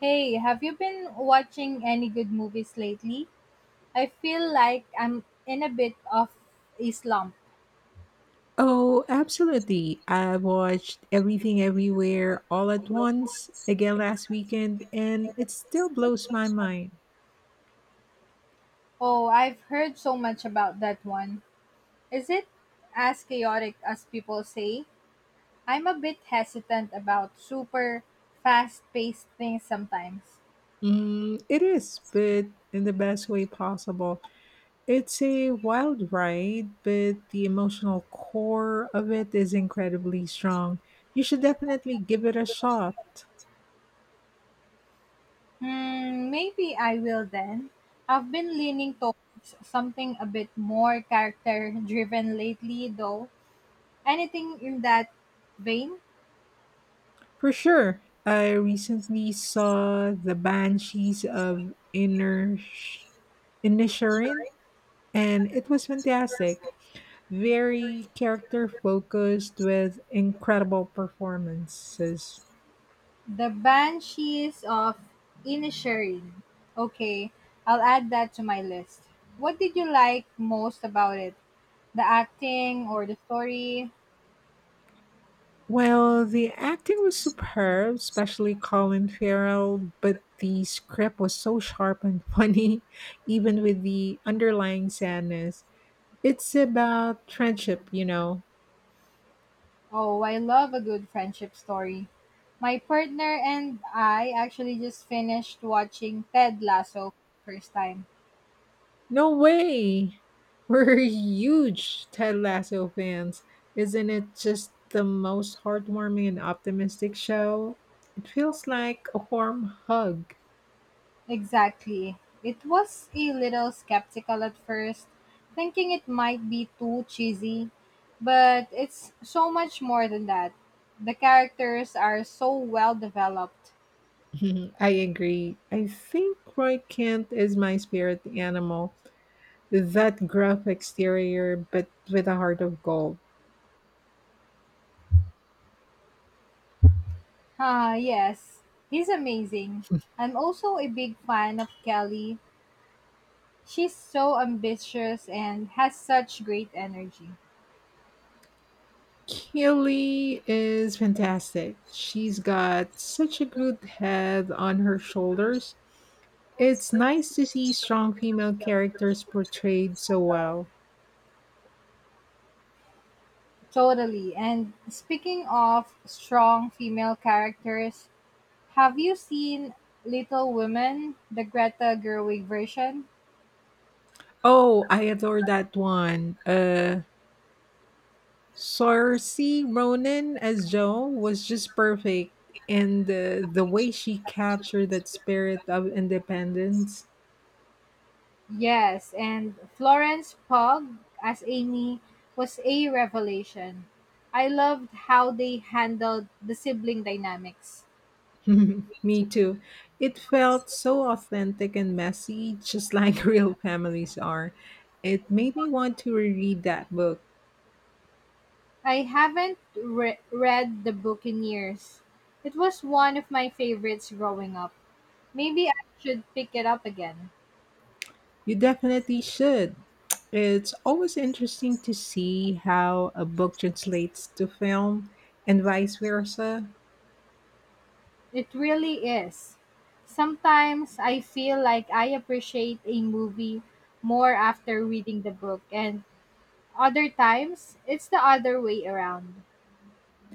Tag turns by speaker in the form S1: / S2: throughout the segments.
S1: Hey, have you been watching any good movies lately? I feel like I'm in a bit of a slump.
S2: Oh, absolutely. I watched Everything Everywhere All at Once again last weekend, and it still blows my mind.
S1: Oh, I've heard so much about that one. Is it as chaotic as people say? I'm a bit hesitant about super fast paced things sometimes.
S2: Mm, it is, but in the best way possible. It's a wild ride, but the emotional core of it is incredibly strong. You should definitely give it a shot.
S1: Hmm, maybe I will then. I've been leaning towards something a bit more character driven lately, though. Anything in that vein?
S2: For sure. I recently saw The Banshees of Inner Inisherin and it was fantastic. Very character focused with incredible performances.
S1: The Banshees of Inisherin. Okay, I'll add that to my list. What did you like most about it? The acting or the story?
S2: Well, the acting was superb, especially Colin Farrell, but the script was so sharp and funny, even with the underlying sadness. It's about friendship.
S1: Oh, I love a good friendship story. My partner and I actually just finished watching Ted Lasso for the first time.
S2: No way! We're huge Ted Lasso fans. Isn't it just the most heartwarming and optimistic show? It feels like a warm hug.
S1: Exactly. It was a little skeptical at first, thinking it might be too cheesy, but it's so much more than that. The characters are so well developed.
S2: Mhm, I agree. I think Roy Kent is my spirit animal. That gruff exterior, but with a heart of gold.
S1: Ah, yes, he's amazing. I'm also a big fan of Kelly. She's so ambitious and has such great energy.
S2: Keely is fantastic. She's got such a good head on her shoulders. It's nice to see strong female characters portrayed so well.
S1: Totally. And speaking of strong female characters, have you seen Little Women, the Greta Gerwig version?
S2: Oh, I adore that one. Saoirse Ronan as Jo was just perfect and the way she captured that spirit of independence.
S1: Yes, and Florence Pugh as Amy was a revelation. I loved how they handled the sibling dynamics.
S2: Me too. It felt so authentic and messy, just like real families are. It made me want to reread that book.
S1: I haven't read the book in years. It was one of my favorites growing up. Maybe I should pick it up again.
S2: You definitely should. It's always interesting to see how a book translates to film and vice versa.
S1: It really is. Sometimes I feel like I appreciate a movie more after reading the book, and other times it's the other way around.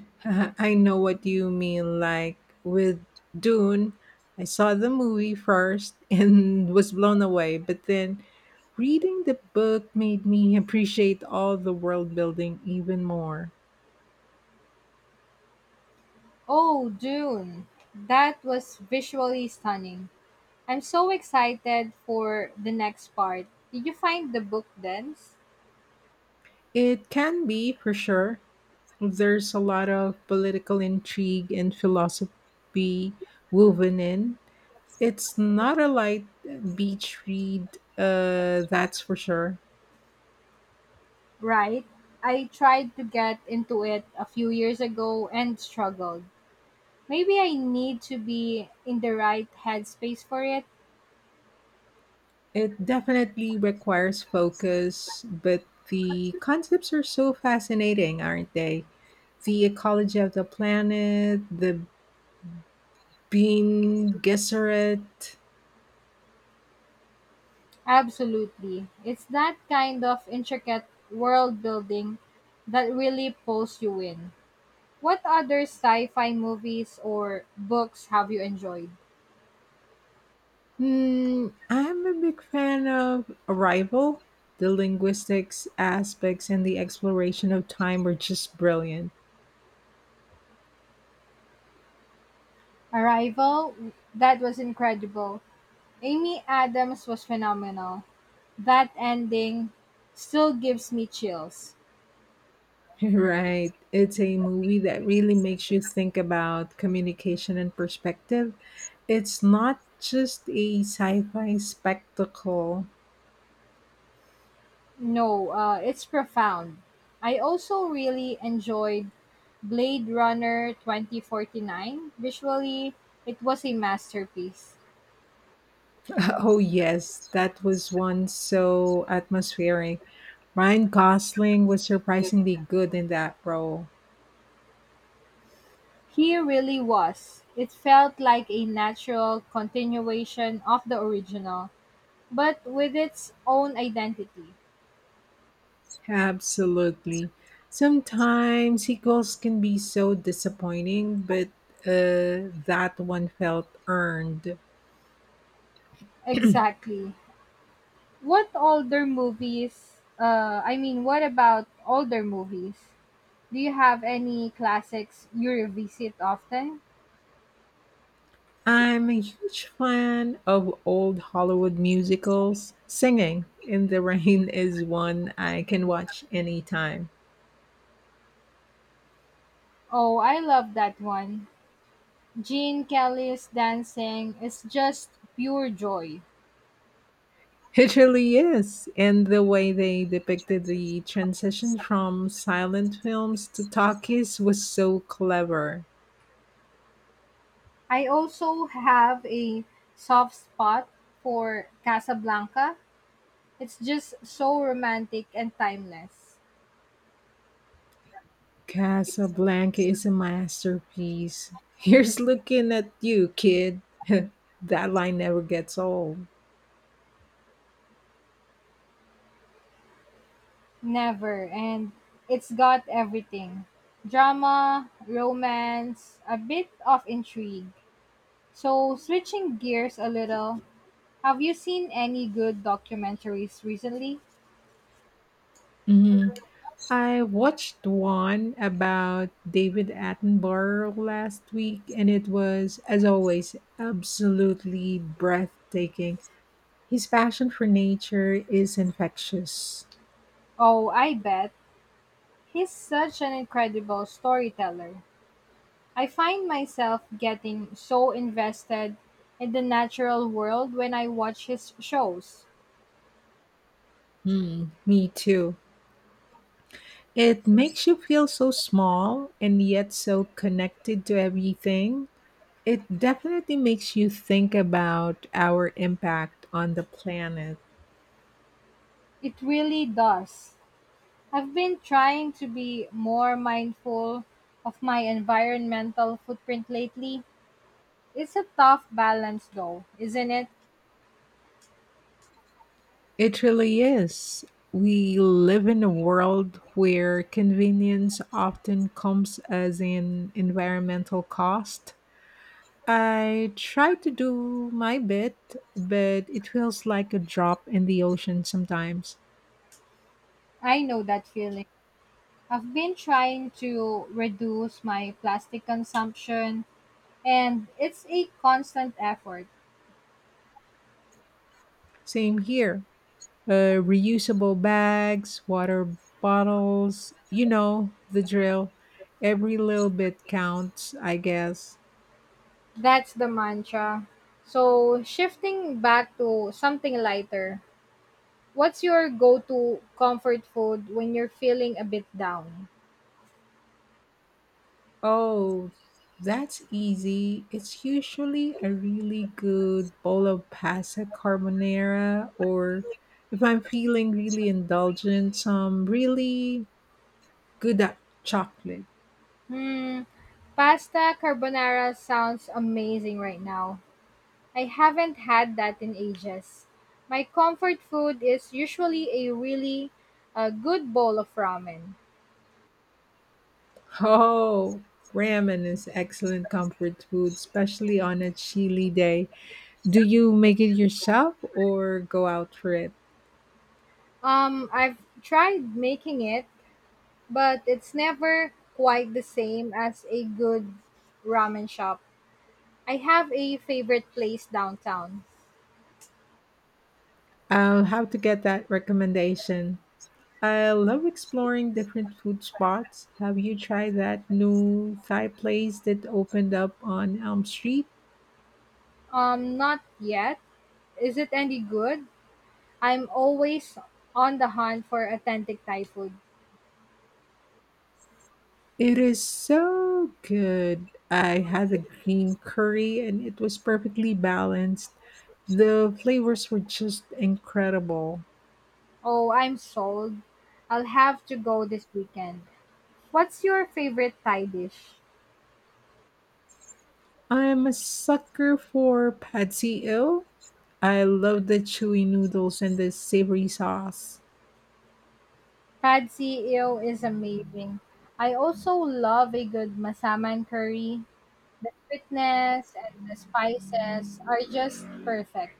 S2: I know what you mean. Like with Dune, I saw the movie first and was blown away, but then reading the book made me appreciate all the world building even more.
S1: Oh, Dune! That was visually stunning. I'm so excited for the next part. Did you find the book dense?
S2: It can be, for sure. There's a lot of political intrigue and philosophy woven in. It's not a light beach read, that's for sure.
S1: Right. I tried to get into it a few years ago and struggled. Maybe I need to be in the right headspace for it.
S2: It definitely requires focus, but the concepts are so fascinating, aren't they? The ecology of the planet, the Bean Gesserit.
S1: Absolutely. It's that kind of intricate world building that really pulls you in. What other sci fi movies or books have you enjoyed?
S2: Mm, I'm a big fan of Arrival. The linguistics aspects and the exploration of time are just brilliant.
S1: Arrival, that was incredible. Amy Adams was phenomenal. That ending still gives me chills.
S2: Right. It's a movie that really makes you think about communication and perspective. It's not just a sci fi spectacle.
S1: No, it's profound. I also really enjoyed Blade Runner 2049. Visually, it was a masterpiece.
S2: Oh, yes, that was one so atmospheric. Ryan Gosling was surprisingly good in that role.
S1: He really was. It felt like a natural continuation of the original, but with its own identity.
S2: Absolutely. Sometimes sequels can be so disappointing, but that one felt earned.
S1: Exactly. What older movies, what about older movies? Do you have any classics you revisit often?
S2: I'm a huge fan of old Hollywood musicals. Singing in the Rain is one I can watch anytime.
S1: Oh, I love that one. Gene Kelly's dancing is just pure joy.
S2: It really is. And the way they depicted the transition from silent films to talkies was so clever.
S1: I also have a soft spot for Casablanca. It's just so romantic and timeless.
S2: Casablanca is a masterpiece. Here's looking at you, kid. That line never gets old.
S1: Never. And it's got everything drama, romance, a bit of intrigue. So, switching gears a little, have you seen any good documentaries recently?
S2: Mhm. I watched one about David Attenborough last week, and it was, as always, absolutely breathtaking. His passion for nature is infectious.
S1: Oh, I bet. He's such an incredible storyteller. I find myself getting so invested in the natural world when I watch his shows.
S2: Mm, me too. It makes you feel so small and yet so connected to everything. It definitely makes you think about our impact on the planet.
S1: It really does. I've been trying to be more mindful of my environmental footprint lately. It's a tough balance, though, isn't it?
S2: It really is. We live in a world where convenience often comes as an environmental cost. I try to do my bit, but it feels like a drop in the ocean sometimes.
S1: I know that feeling. I've been trying to reduce my plastic consumption, and it's a constant effort.
S2: Same here. Reusable bags, water bottles, you know, the drill. Every little bit counts, I guess.
S1: That's the mantra. So, shifting back to something lighter, what's your go to comfort food when you're feeling a bit down?
S2: Oh, that's easy. It's usually a really good bowl of pasta carbonara, or if I'm feeling really indulgent, some really good at chocolate.
S1: Hmm, pasta carbonara sounds amazing right now. I haven't had that in ages. My comfort food is usually a good bowl of ramen.
S2: Oh, ramen is excellent comfort food, especially on a chilly day. Do you make it yourself or go out for it?
S1: I've tried making it, but it's never quite the same as a good ramen shop. I have a favorite place downtown.
S2: I'll have to get that recommendation. I love exploring different food spots. Have you tried that new Thai place that opened up on Elm Street?
S1: Not yet. Is it any good? I'm always on the hunt for authentic Thai food.
S2: It is so good. I had a green curry and it was perfectly balanced. The flavors were just incredible.
S1: Oh, I'm sold. I'll have to go this weekend. What's your favorite Thai dish?
S2: I'm a sucker for Patsy Ill. I love the chewy noodles and the savory sauce.
S1: Pad see ew is amazing. I also love a good masaman curry. The sweetness and the spices are just perfect.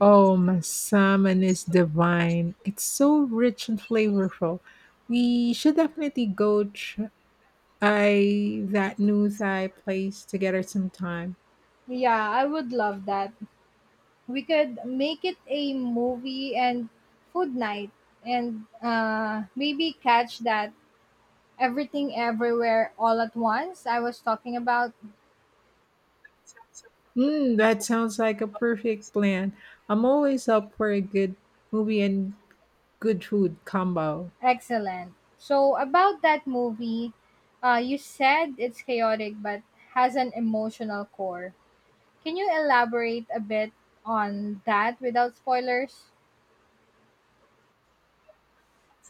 S2: Oh, my salmon is divine. It's so rich and flavorful. We should definitely go try that new Thai place together sometime.
S1: Yeah, I would love that. We could make it a movie and food night and maybe catch that everything everywhere all at once I was talking about.
S2: Mm, that sounds like a perfect plan. I'm always up for a good movie and good food combo.
S1: Excellent. So about that movie, you said it's chaotic but has an emotional core. Can you elaborate a bit on that without spoilers?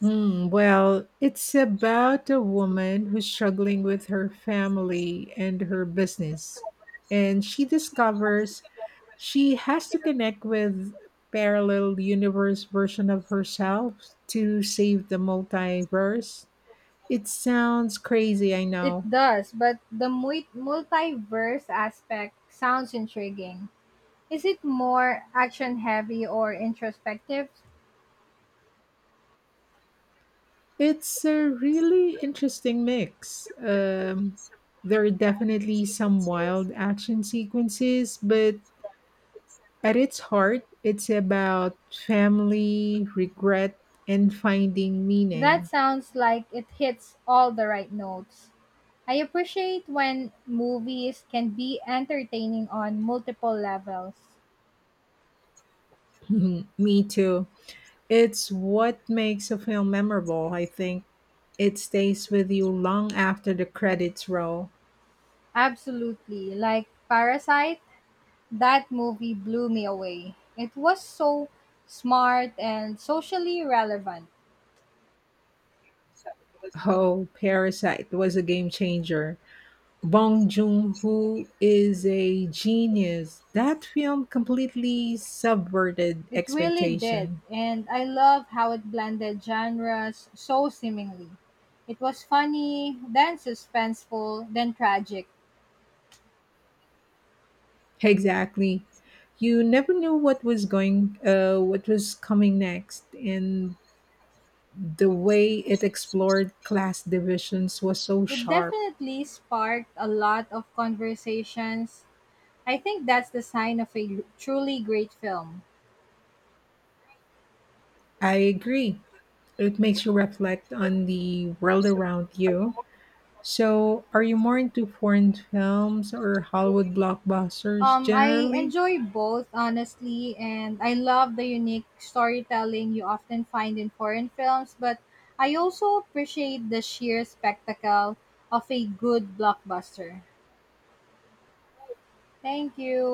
S2: Mm, well, it's about a woman who's struggling with her family and her business. And she discovers she has to connect with parallel universe version of herself to save the multiverse. It sounds crazy, I
S1: It
S2: know.
S1: does, but the multiverse aspect sounds intriguing. Is it more action heavy or introspective?
S2: It's a really interesting mix. There are definitely some wild action sequences, but at its heart, it's about family, regret, and finding
S1: That
S2: meaning.
S1: sounds like it hits all the right notes. I appreciate when movies can be entertaining on multiple levels.
S2: Mhm. Me too. It's what makes a film memorable, I think. It stays with you long after the credits roll.
S1: Absolutely. Like Parasite, that movie blew me away. It was so smart and socially relevant.
S2: Oh, Parasite was a game changer. Bong Joon-ho is a genius. That film completely subverted
S1: It really did.
S2: expectation.
S1: And I love how it blended genres so seemingly. It was funny, then suspenseful, then tragic.
S2: Exactly. You never knew what was what was coming next, and the way it explored class divisions was so
S1: It
S2: sharp.
S1: definitely sparked a lot of conversations. I think that's the sign of a truly great film.
S2: I agree. It makes you reflect on the world around you. So, are you more into foreign films or Hollywood blockbusters
S1: I
S2: generally?
S1: enjoy both, honestly, and I love the unique storytelling you often find in foreign films, but I also appreciate the sheer spectacle of a good blockbuster. Thank you.